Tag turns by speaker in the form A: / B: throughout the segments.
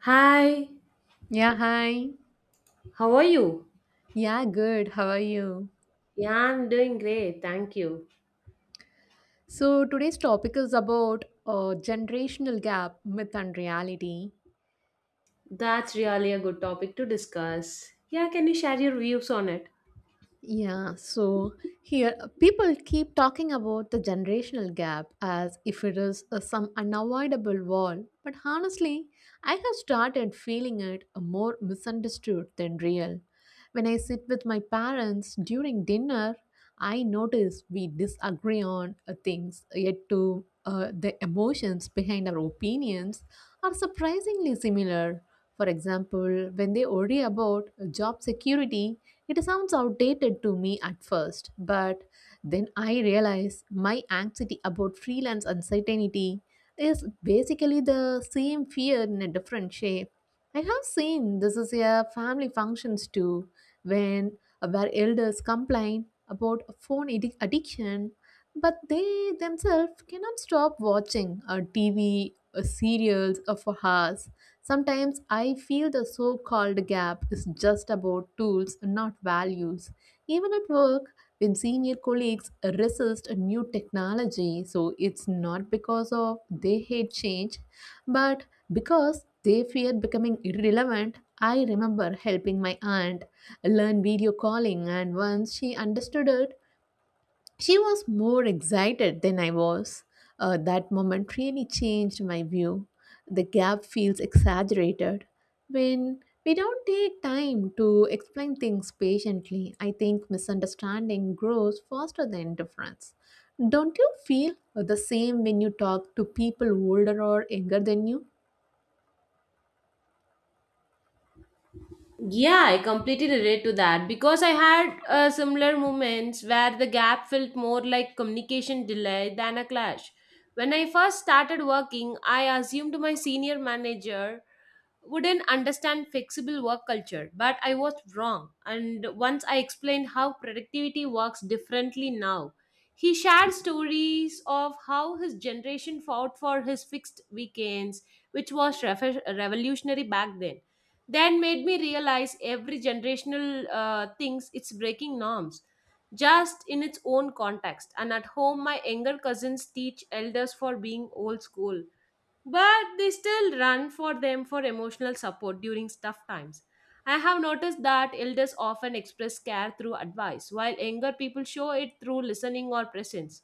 A: Hi,
B: Yeah, hi.
A: how are you?
B: Yeah, good. How are you?
A: Yeah, I'm doing great, thank you.
B: So, today's topic is about generational gap, myth, and reality.
A: That's really a good topic to discuss. Yeah, can you share your views on it?
B: Yeah, so here people keep talking about the generational gap as if it is some unavoidable wall, but honestly, I have started feeling it more misunderstood than real. When I sit with my parents during dinner, I notice we disagree on things, yet to the emotions behind our opinions are surprisingly similar. For example, when they worry about job security, it sounds outdated to me at first, but then I realize my anxiety about freelance uncertainty is basically the same fear in a different shape. I have seen this is a family functions too, when where elders complain about addiction, but they themselves cannot stop watching a TV, serials, for hours. Sometimes I feel the so called gap is just about tools, not values. Even at work, when senior colleagues resist a new technology, so it's not because of they hate change, but because they fear becoming irrelevant. I remember helping my aunt learn video calling, and once she understood it, she was more excited than I was. That moment really changed my view. The gap feels exaggerated. When we don't take time to explain things patiently, I think misunderstanding grows faster than difference. Don't you feel the same when you talk to people older or younger than you?
A: Yeah, I completely relate to that because I had similar moments where the gap felt more like communication delay than a clash. When I first started working, I assumed my senior manager wouldn't understand flexible work culture, but I was wrong, and once I explained how productivity works differently now, he shared stories of how his generation fought for his fixed weekends, which was revolutionary back then. Then made me realize every generational thinks it's breaking norms, just in its own context. And at home, my younger cousins teach elders for being old school, but they still run for them for emotional support during tough times. I have noticed that elders often express care through advice, while younger people show it through listening or presence.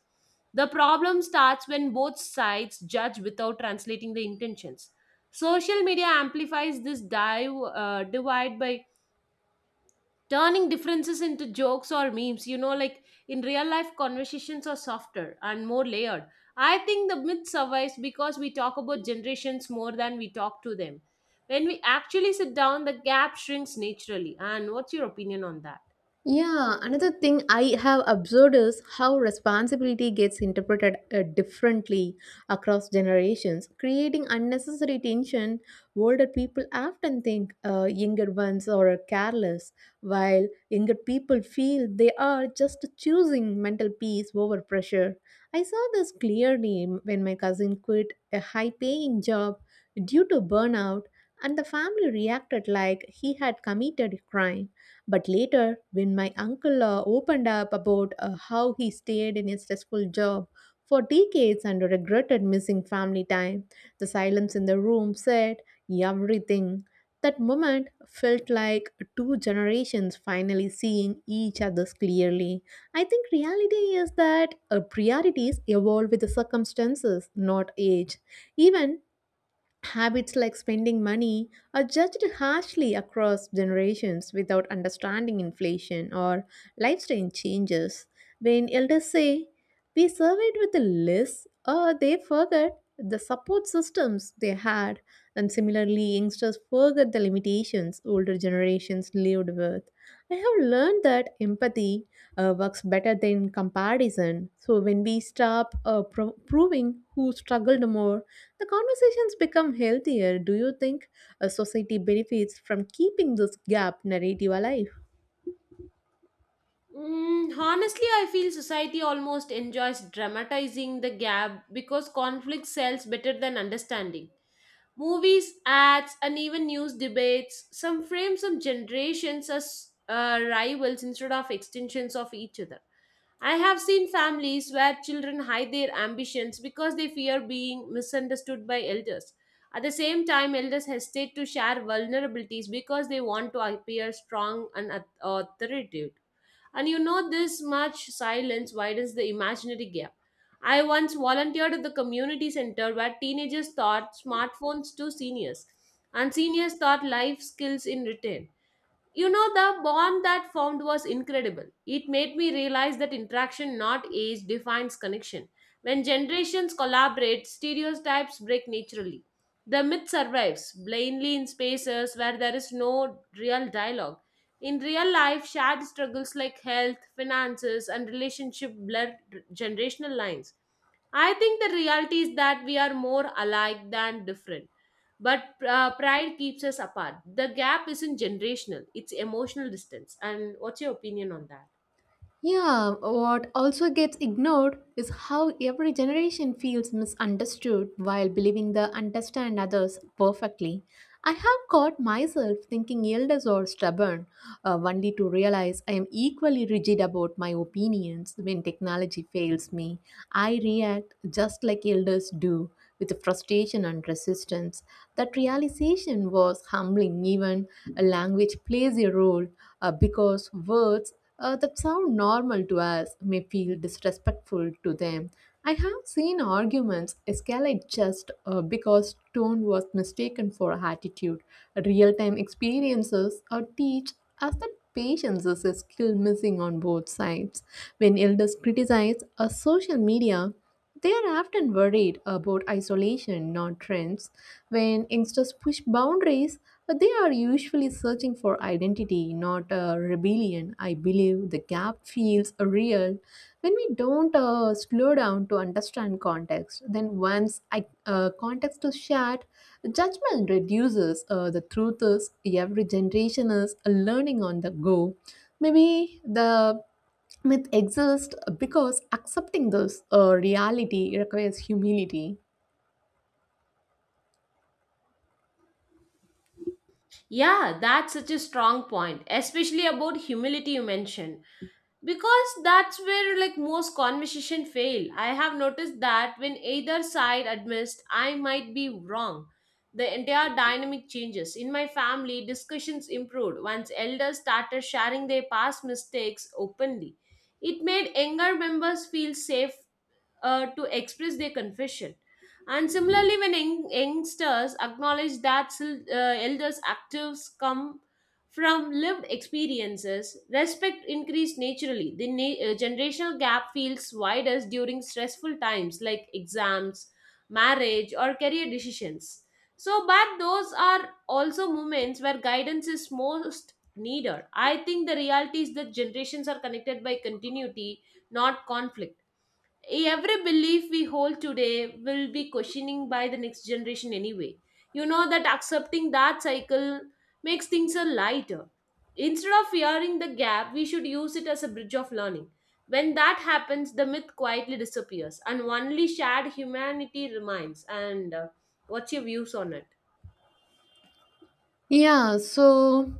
A: The problem starts when both sides judge without translating the intentions. Social media amplifies this divide by turning differences into jokes or memes, like in real life conversations are softer and more layered. I think the myth survives because we talk about generations more than we talk to them. When we actually sit down, the gap shrinks naturally. And what's your opinion on that?
B: Yeah, another thing I have observed is how responsibility gets interpreted differently across generations, creating unnecessary tension. Older people often think younger ones are careless, while younger people feel they are just choosing mental peace over pressure. I saw this clearly when my cousin quit a high paying job due to burnout, and the family reacted like he had committed a crime. But later, when my uncle opened up about how he stayed in a stressful job for decades and regretted missing family time, the silence in the room said everything. That moment felt like two generations finally seeing each other's clearly. I think reality is that priorities evolve with the circumstances, not age. Even habits like spending money are judged harshly across generations without understanding inflation or lifestyle changes. When elders say, we surveyed with less, or they forget the support systems they had, and similarly, youngsters forget the limitations older generations lived with. I have learned that empathy works better than comparison. So when we stop proving who struggled more, the conversations become healthier. Do you think a society benefits from keeping this gap narrative alive?
A: Mm, honestly, I feel society almost enjoys dramatizing the gap because conflict sells better than understanding. Movies, ads, and even news debates, some frame some generations as rivals instead of extensions of each other. I have seen families where children hide their ambitions because they fear being misunderstood by elders. At the same time, elders hesitate to share vulnerabilities because they want to appear strong and authoritative. And you know, this much silence widens the imaginary gap. I once volunteered at the community center where teenagers taught smartphones to seniors, and seniors taught life skills in return. You know, the bond that formed was incredible. It made me realize that interaction, not age, defines connection. When generations collaborate, stereotypes break naturally. The myth survives blindly in spaces where there is no real dialogue. In real life, shared struggles like health, finances, and relationship blur generational lines. I think the reality is that we are more alike than different, but pride keeps us apart. The gap isn't generational, it's emotional distance. And what's your opinion on that?
B: Yeah, what also gets ignored is how every generation feels misunderstood while believing they understand others perfectly. I have caught myself thinking elders are stubborn, only to realize I am equally rigid about my opinions when technology fails me. I react just like elders do, with frustration and resistance. That realization was humbling. Even a language plays a role because words that sound normal to us may feel disrespectful to them. I have seen arguments escalate just because tone was mistaken for attitude. Real time experiences teach us that patience is a skill missing on both sides. When elders criticize social media, they are often worried about isolation, not trends. When youngsters push boundaries, they are usually searching for identity, not rebellion. I believe the gap feels real when we don't slow down to understand context. Then, once context is shared, judgment reduces. The truth is, every generation is learning on the go. Maybe the myth exists because accepting this reality requires humility.
A: Yeah, that's such a strong point, especially about humility you mentioned, because that's where like most conversation fail. I have noticed that when either side admits I might be wrong, the entire dynamic changes. In my family, discussions improved once elders started sharing their past mistakes openly. It made younger members feel safe, to express their confession. And similarly, when youngsters acknowledge that elders' actives come from lived experiences, respect increased naturally. The generational gap feels wider during stressful times like exams, marriage, or career decisions. So, but those are also moments where guidance is most needed. I think the reality is that generations are connected by continuity, not conflict. Every belief we hold today will be questioning by the next generation anyway. You know, that accepting that cycle makes things a lighter. Instead of fearing the gap, we should use it as a bridge of learning. When that happens, the myth quietly disappears and only shared humanity remains. And what's your views on it?
B: Yeah, so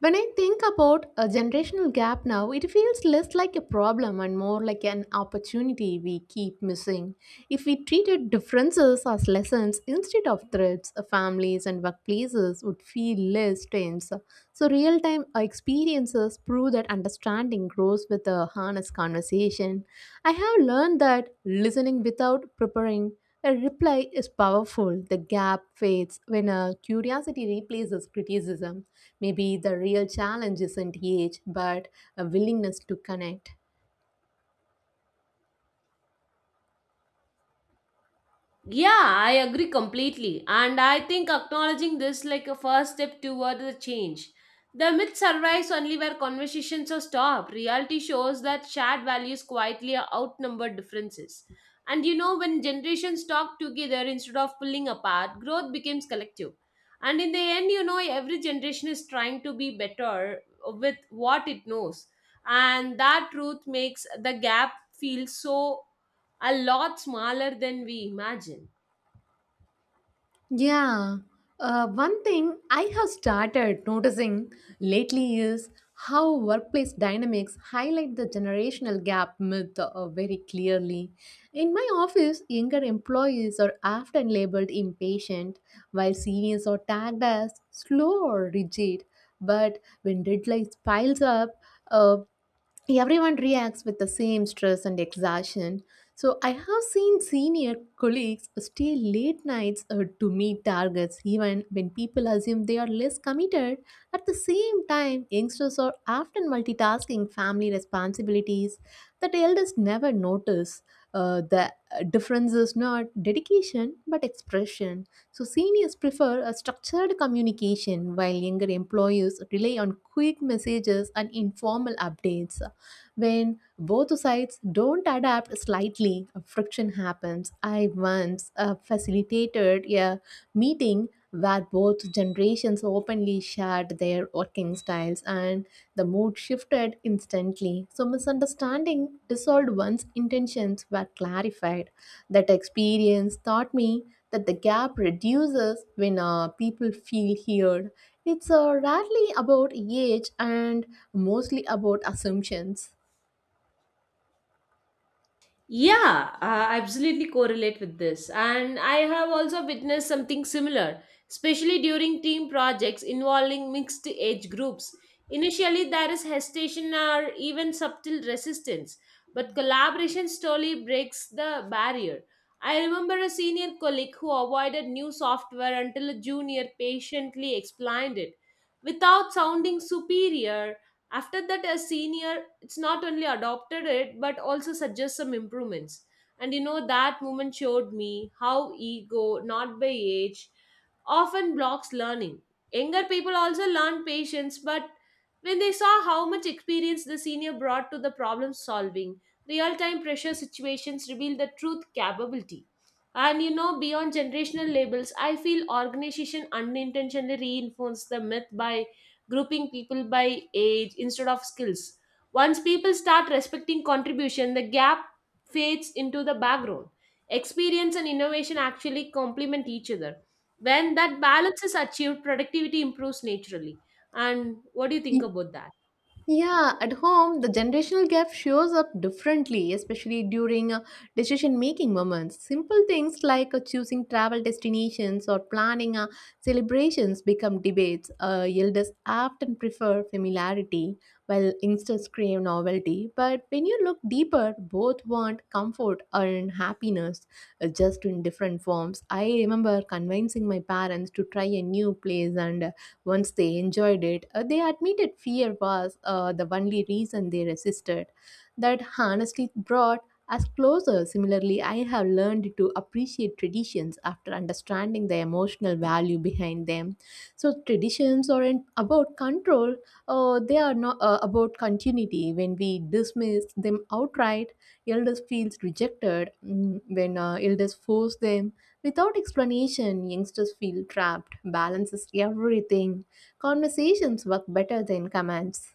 B: when I think about a generational gap now, it feels less like a problem and more like an opportunity we keep missing. If we treated differences as lessons instead of threats, families and workplaces would feel less tense. So, real time experiences prove that understanding grows with a honest conversation. I have learned that listening without preparing a reply is powerful. The gap fades when a curiosity replaces criticism. Maybe the real challenge isn't age, but a willingness to connect.
A: Yeah, I agree completely. And I think acknowledging this like a first step toward the change. The myth survives only where conversations are stopped. Reality shows that shared values quietly outnumber differences. And you know, when generations talk together instead of pulling apart, growth becomes collective. And in the end, you know, every generation is trying to be better with what it knows. And that truth makes the gap feel so a lot smaller than we imagine.
B: Yeah. One thing I have started noticing lately is how workplace dynamics highlight the generational gap myth very clearly. In my office, younger employees are often labeled impatient, while seniors are tagged as slow or rigid. But when deadlines piles up, uh, everyone reacts with the same stress and exhaustion. So I have seen senior colleagues stay late nights to meet targets, even when people assume they are less committed. At the same time, youngsters are often multitasking family responsibilities that elders never notice. The difference is not dedication but expression. So seniors prefer a structured communication while younger employees rely on quick messages and informal updates. When both sides don't adapt slightly, friction happens. I once facilitated a meeting where both generations openly shared their working styles and the mood shifted instantly. So, misunderstanding dissolved once intentions were clarified. That experience taught me that the gap reduces when people feel heard. It's rarely about age and mostly about assumptions.
A: Yeah, I absolutely correlate with this. And I have also witnessed something similar, especially during team projects involving mixed age groups. Initially, there is hesitation or even subtle resistance, but collaboration slowly breaks the barrier. I remember a senior colleague who avoided new software until a junior patiently explained it without sounding superior. After that, a senior, it's not only adopted it but also suggests some improvements. And you know, that moment showed me how ego, not by age, often blocks learning. Younger people also learn patience, but when they saw how much experience the senior brought to the problem solving, real time pressure situations reveal the truth capability. And you know, beyond generational labels, I feel organization unintentionally reinforce the myth by grouping people by age instead of skills. Once people start respecting contribution, the gap fades into the background. Experience and innovation actually complement each other. When that balance is achieved, productivity improves naturally. And what do you think about that?
B: Yeah, at home, the generational gap shows up differently, especially during decision making moments. Simple things like choosing travel destinations or planning celebrations become debates. Elders often prefer familiarity, while youngsters crave novelty. But when you look deeper, both want comfort and happiness, just in different forms. I remember convincing my parents to try a new place and once they enjoyed it, they admitted fear was the only reason they resisted. That honestly brought us closer. Similarly, I have learned to appreciate traditions after understanding the emotional value behind them. So, traditions aren't about control, they are not about continuity. When we dismiss them outright, elders feels rejected. Mm. When elders force them, without explanation, youngsters feel trapped. Balance is everything. Conversations work better than commands.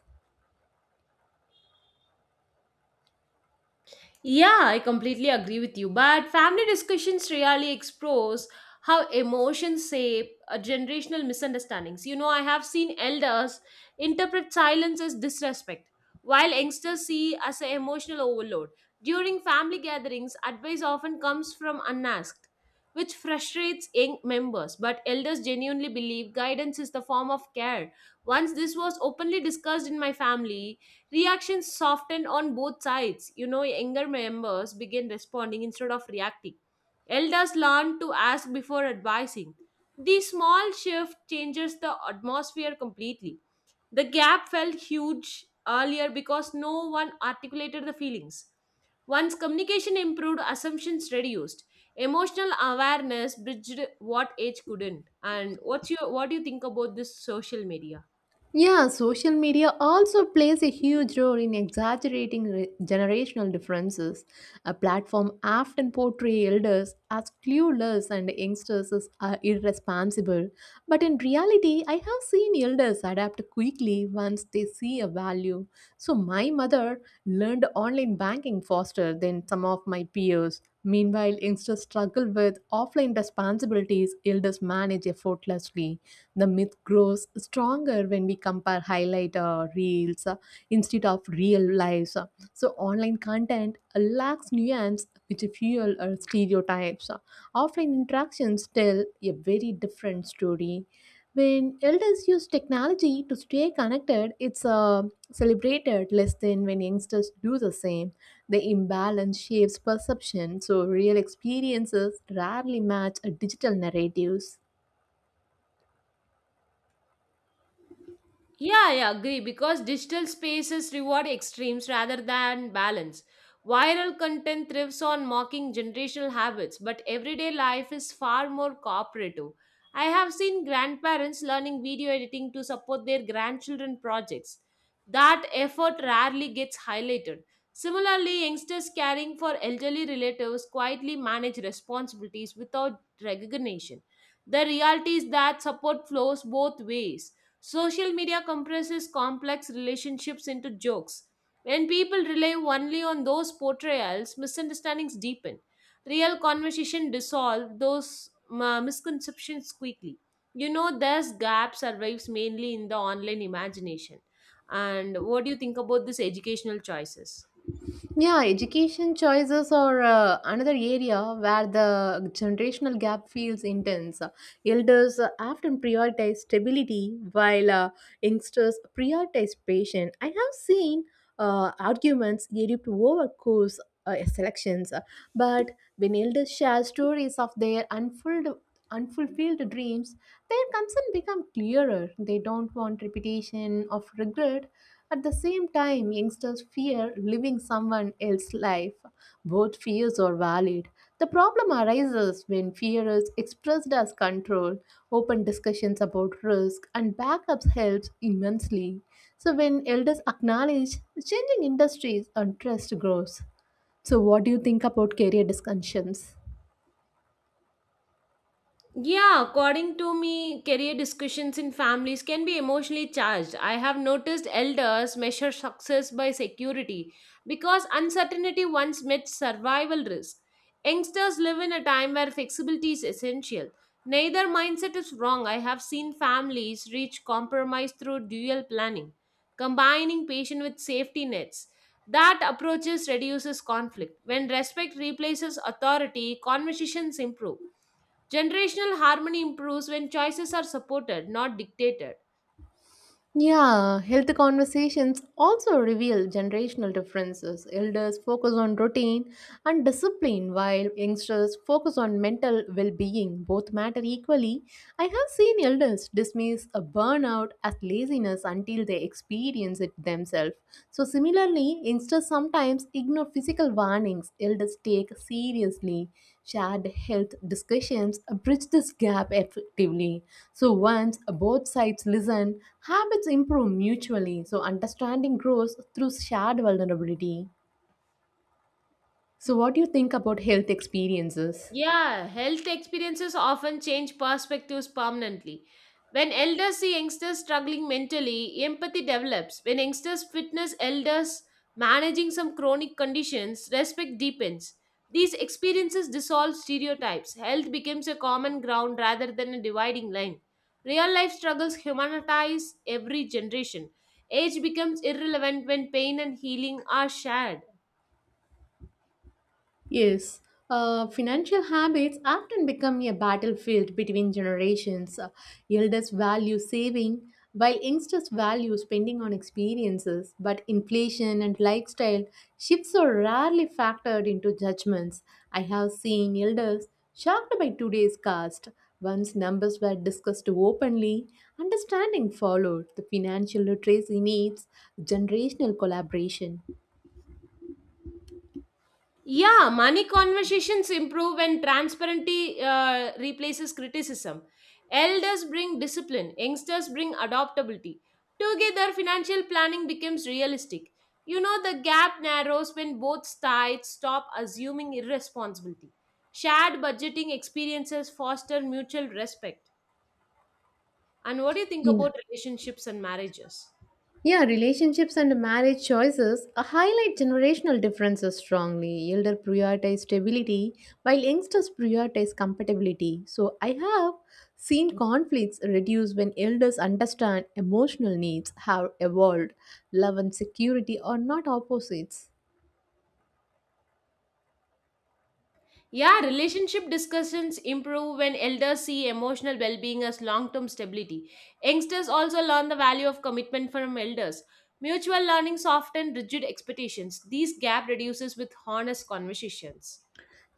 A: Yeah, I completely agree with you. But family discussions really expose how emotions shape generational misunderstandings. You know, I have seen elders interpret silence as disrespect, while youngsters see as an emotional overload. During family gatherings, advice often comes from unasked, which frustrates young members. But elders genuinely believe guidance is the form of care. Once this was openly discussed in my family, reactions soften on both sides. You know, younger members begin responding instead of reacting. Elders learn to ask before advising. This small shift changes the atmosphere completely. The gap felt huge earlier because no one articulated the feelings. Once communication improved, assumptions reduced. Emotional awareness bridged what age couldn't. And what's your what do you think about this social media?
B: Yeah, social media also plays a huge role in generational differences. A platform often portrays elders as clueless and youngsters as irresponsible. But in reality, I have seen elders adapt quickly once they see a value. So my mother learned online banking faster than some of my peers. Meanwhile, youngsters struggle with offline responsibilities elders manage effortlessly. The myth grows stronger when we compare highlight reels instead of real lives. So online content lacks nuance which fuel stereotypes. Offline interactions tell a very different story. When elders use technology to stay connected, it's celebrated less than when youngsters do the same. The imbalance shapes perception, so real experiences rarely match digital narratives.
A: Yeah, I agree because digital spaces reward extremes rather than balance. Viral content thrives on mocking generational habits, but everyday life is far more cooperative. I have seen grandparents learning video editing to support their grandchildren projects. That effort rarely gets highlighted. Similarly, youngsters caring for elderly relatives quietly manage responsibilities without recognition. The reality is that support flows both ways. Social media compresses complex relationships into jokes. When people rely only on those portrayals, misunderstandings deepen. Real conversation dissolve those misconceptions quickly. You know, this gap survives mainly in the online imagination. And what do you think about these educational choices?
B: Yeah, education choices are another area where the generational gap feels intense. Elders often prioritize stability while youngsters prioritize patience. I have seen arguments erupt over course selections, but when elders share stories of their unfulfilled dreams, their concern become clearer. They don't want repetition of regret. At the same time, youngsters fear living someone else's life. Both fears are valid. The problem arises when fear is expressed as control. Open discussions about risk and backups helps immensely. So when elders acknowledge changing industries and trust grows. So what do you think about career discussions?
A: Yeah, according to me, career discussions in families can be emotionally charged. I have noticed elders measure success by security because uncertainty once met survival risk. Youngsters live in a time where flexibility is essential. Neither mindset is wrong. I have seen families reach compromise through dual planning, combining patience with safety nets. That approaches reduces conflict. When respect replaces authority, conversations improve. Generational harmony improves when choices are supported, not dictated.
B: Yeah, health conversations also reveal generational differences. Elders focus on routine and discipline, while youngsters focus on mental well being. Both matter equally. I have seen elders dismiss a burnout as laziness until they experience it themselves. So similarly, youngsters sometimes ignore physical warnings elders take seriously. Shared health discussions bridge this gap effectively. So once both sides listen, habits improve mutually. So understanding grows through shared vulnerability. So what do you think about health experiences?
A: Yeah, health experiences often change perspectives permanently. When elders see youngsters struggling mentally, empathy develops. When youngsters witness elders managing some chronic conditions, respect deepens. These experiences dissolve stereotypes. Health becomes a common ground rather than a dividing line. Real life struggles humanize every generation. Age becomes irrelevant when pain and healing are shared.
B: Yes, financial habits often become a battlefield between generations. Elders value saving, while youngsters value spending on experiences. But inflation and lifestyle shifts are rarely factored into judgments. I have seen elders shocked by today's cost. Once numbers were discussed openly, understanding followed. The financial literacy needs generational collaboration.
A: Yeah, money conversations improve when transparency replaces criticism. Elders bring discipline, youngsters bring adaptability. Together, financial planning becomes realistic. You know, the gap narrows when both sides stop assuming irresponsibility. Shared budgeting experiences foster mutual respect. And what do you think
B: Yeah.
A: about relationships and marriages?
B: Yeah, relationships and marriage choices highlight generational differences strongly. Elder prioritize stability, while youngsters prioritize compatibility. So I have seen conflicts reduce when elders understand emotional needs have evolved. Love and security are not opposites.
A: Yeah, relationship discussions improve when elders see emotional well being as long term stability. Youngsters also learn the value of commitment from elders. Mutual learning softens rigid expectations. These gap reduces with honest conversations.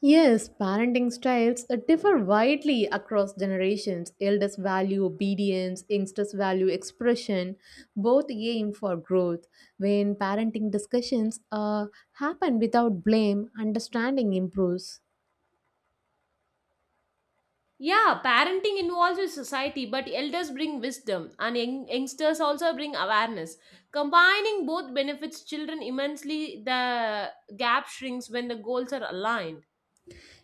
B: Yes, parenting styles differ widely across generations. Elders value obedience, youngsters value expression. Both aim for growth. When parenting discussions happen without blame, understanding improves.
A: Yeah, parenting involves with society, but elders bring wisdom and youngsters also bring awareness. Combining both benefits children immensely. The gap shrinks when the goals are aligned.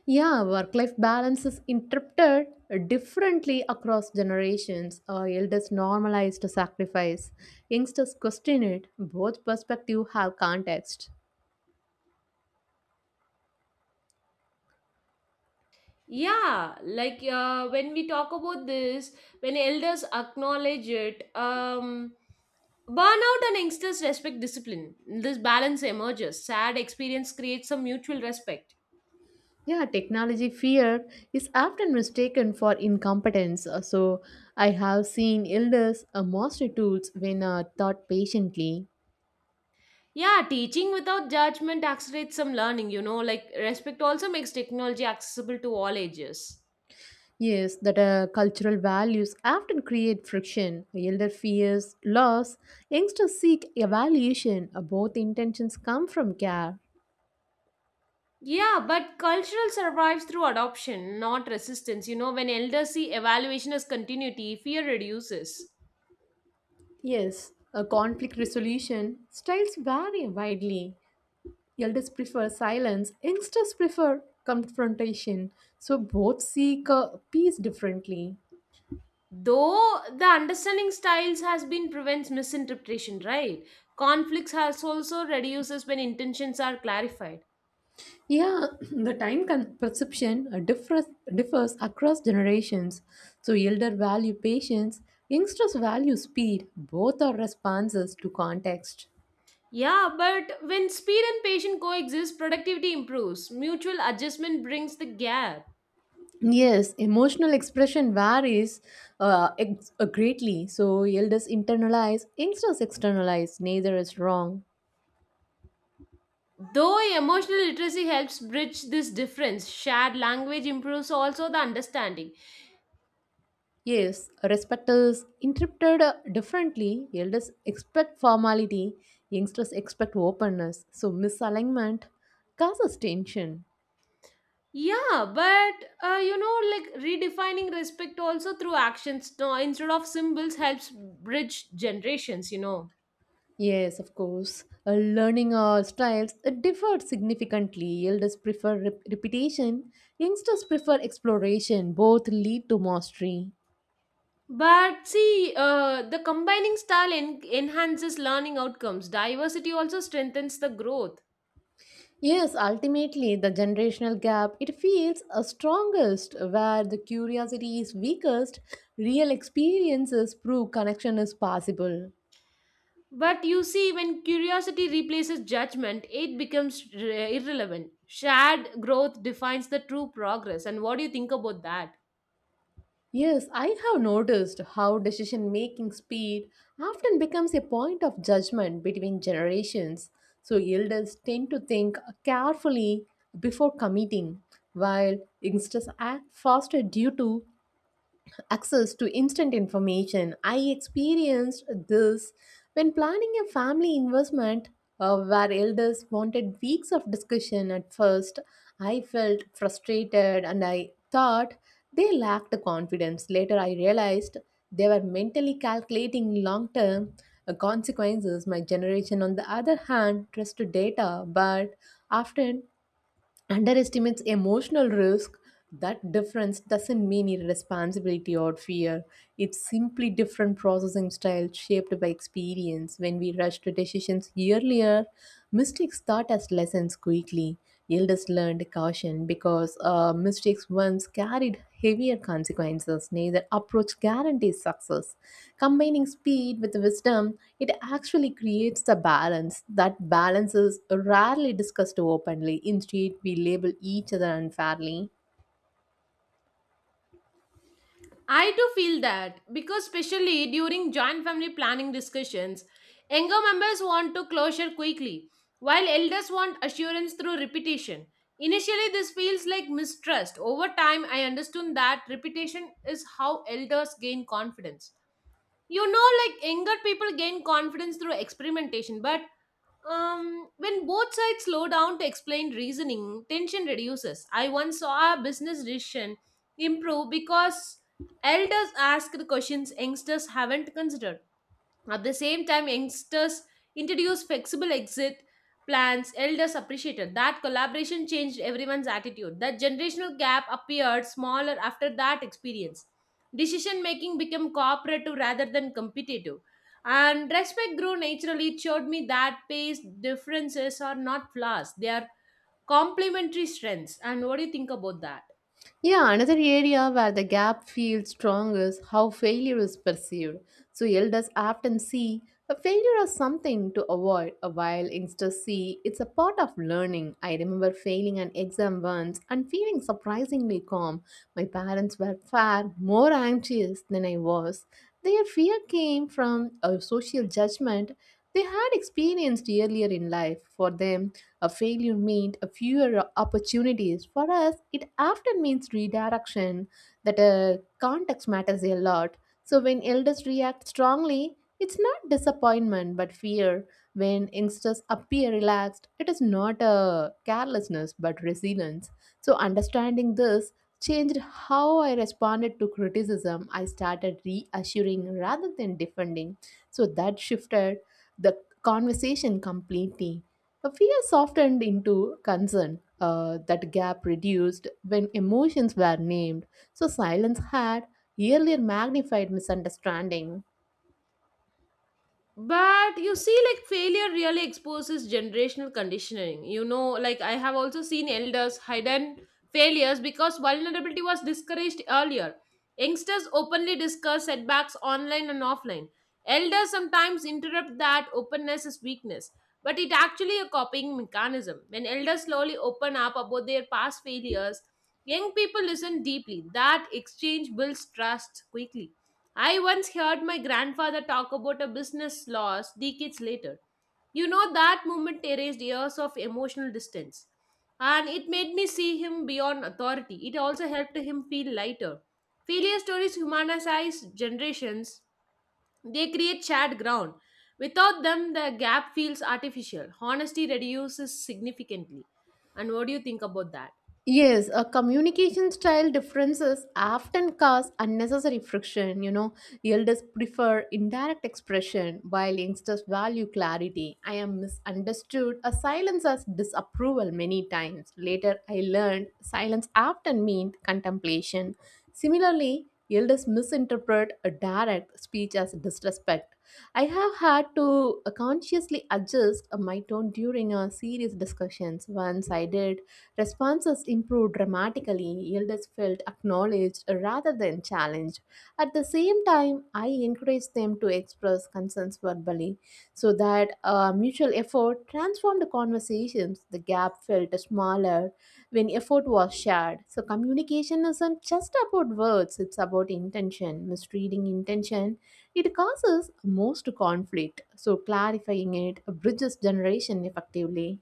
B: Yeah, work life balance is interpreted differently across generations. Elders normalize to sacrifice, youngsters question it. Both perspectives have context.
A: Yeah, like when we talk about this, when elders acknowledge it, burnout and youngsters respect discipline. This balance emerges. Sad experience creates some mutual respect.
B: Yeah, technology fear is often mistaken for incompetence. So, I have seen elders master tools when taught patiently.
A: Yeah, teaching without judgment accelerates some learning, you know, like respect also makes technology accessible to all ages.
B: Yes, that cultural values often create friction. Elder fears loss. Youngsters seek evaluation. Both intentions come from care.
A: Yeah, but cultural survives through adoption, not resistance. You know, when elders see evaluation as continuity, fear reduces.
B: Yes, a conflict resolution styles vary widely. Elders prefer silence, youngsters prefer confrontation. So both seek peace differently.
A: Though the understanding styles has been prevents misinterpretation, right? Conflicts has also reduces when intentions are clarified.
B: Yeah, the perception differs across generations. So elder value patience, youngsters value speed. Both are responses to context.
A: Yeah, but when speed and patience coexist, productivity improves. Mutual adjustment brings the gap.
B: Yes, emotional expression varies greatly. So elders internalize, youngsters externalize. Neither is wrong.
A: Though emotional literacy helps bridge this difference, shared language improves also the understanding.
B: Yes, respect is interpreted differently. Elders expect formality, youngsters expect openness. So, misalignment causes tension.
A: Yeah, but you know, like redefining respect also through actions, no, instead of symbols, helps bridge generations, you know.
B: Yes, of course. Learning styles differ significantly. Elders prefer repetition, youngsters prefer exploration. Both lead to mastery.
A: But see, the combining style enhances learning outcomes. Diversity also strengthens the growth.
B: Yes, ultimately, the generational gap it feels strongest where the curiosity is weakest. Real experiences prove connection is possible.
A: But you see, when curiosity replaces judgment, it becomes irrelevant. Shared growth defines the true progress. And what do you think about that?
B: Yes, I have noticed how decision making speed often becomes a point of judgment between generations. So, elders tend to think carefully before committing, while youngsters act faster due to access to instant information. I experienced this when planning a family investment where elders wanted weeks of discussion at first. I felt frustrated and I thought they lacked confidence. Later, I realized they were mentally calculating long term consequences. My generation, on the other hand, trusted data but often underestimates emotional risk. That difference doesn't mean irresponsibility or fear, it's simply different processing style shaped by experience. When we rush to decisions earlier, mistakes taught us lessons quickly. Elders learned caution important because mistakes once carried heavier consequences. Neither approach guarantees success. Combining speed with wisdom, it actually creates the balance. That balance is rarely discussed openly. Instead, we label each other unfairly.
A: I too feel that because, especially during joint family planning discussions, younger members want to closure quickly, while elders want assurance through repetition. Initially, this feels like mistrust. Over time, I understood that repetition is how elders gain confidence. You know, like younger people gain confidence through experimentation, but when both sides slow down to explain reasoning, tension reduces. I once saw a business decision improve because elders asked questions youngsters haven't considered. At the same time, youngsters introduced flexible exit plans, elders appreciated. That collaboration changed everyone's attitude. That generational gap appeared smaller after that experience. Decision making became cooperative rather than competitive. And respect grew naturally. It showed me that pace differences are not flaws, they are complementary strengths. And what do you think about that?
B: Yeah, another area where the gap feels strong is how failure is perceived. So, elders often see a failure as something to avoid, while youngsters see it's a part of learning. I remember failing an exam once and feeling surprisingly calm. My parents were far more anxious than I was. Their fear came from a social judgment they had experienced earlier in life. For them, a failure meant a fewer opportunities. For us, it often means redirection, that context matters a lot. So when elders react strongly, it's not disappointment but fear. When youngsters appear relaxed, it is not a carelessness but resilience. So understanding this changed how I responded to criticism. I started reassuring rather than defending. So that shifted the conversation completely. Fear softened into concern. That gap reduced when emotions were named, so silence had earlier magnified misunderstanding.
A: But you see, like failure really exposes generational conditioning. You know, like I have also seen elders hidden failures because vulnerability was discouraged earlier. Youngsters openly discuss setbacks online and offline. Elders sometimes interrupt that openness as weakness, but it actually a coping mechanism. When elders slowly open up about their past failures, young people listen deeply. That exchange builds trust quickly. I once heard my grandfather talk about a business loss decades later. You know, that moment erased years of emotional distance. And it made me see him beyond authority. It also helped him feel lighter. Failure stories humanize generations, they create shared ground. Without them, the gap feels artificial. Honesty reduces significantly. And what do you think about that?
B: Yes, a communication style differences often cause unnecessary friction. You know, elders prefer indirect expression while youngsters value clarity. I am misunderstood. A silence as disapproval many times. Later, I learned silence often meant contemplation. Similarly, elders misinterpret a direct speech as disrespect. I have had to consciously adjust my tone during a serious discussions. Once I did, responses improved dramatically. Elders felt acknowledged rather than challenged. At the same time, I encouraged them to express concerns verbally so that our mutual effort transformed the conversations. The gap felt smaller when effort was shared. So, communication isn't just about words, it's about intention. Misreading intention, it causes most conflict. So, clarifying it bridges generation effectively.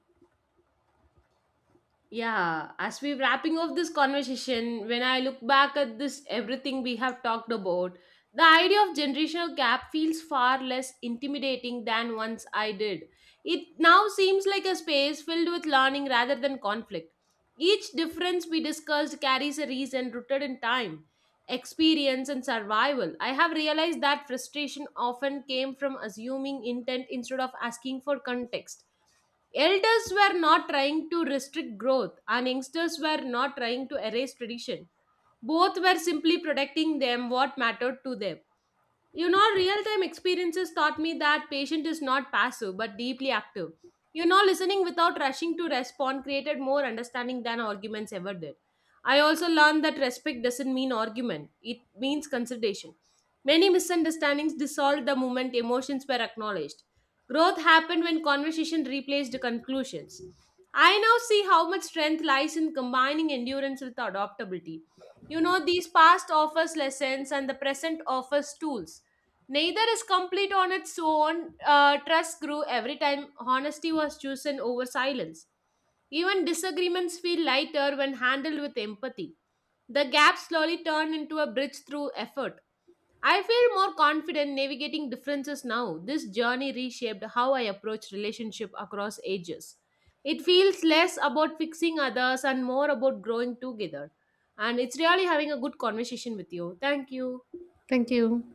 A: Yeah, as we wrapping up this conversation, when I look back at this everything we have talked about, the idea of generational gap feels far less intimidating than once I did. It now seems like a space filled with learning rather than conflict. Each difference we discussed carries a reason rooted in time, experience, and survival. I have realized that frustration often came from assuming intent instead of asking for context. Elders were not trying to restrict growth, and youngsters were not trying to erase tradition. Both were simply protecting them what mattered to them. You know, real time experiences taught me that patient is not passive but deeply active. You know, listening without rushing to respond created more understanding than arguments ever did. I also learned that respect doesn't mean argument, it means consideration. Many misunderstandings dissolved the moment emotions were acknowledged. Growth happened when conversation replaced conclusions. I now see how much strength lies in combining endurance with adaptability. You know, these past offers lessons and the present offers tools. Neither is complete on its own. Trust grew every time honesty was chosen over silence. Even disagreements feel lighter when handled with empathy. The gap slowly turned into a bridge through effort. I feel more confident navigating differences now. This journey reshaped how I approach relationship across ages. It feels less about fixing others and more about growing together. And it's really having a good conversation with you. Thank you.
B: Thank you.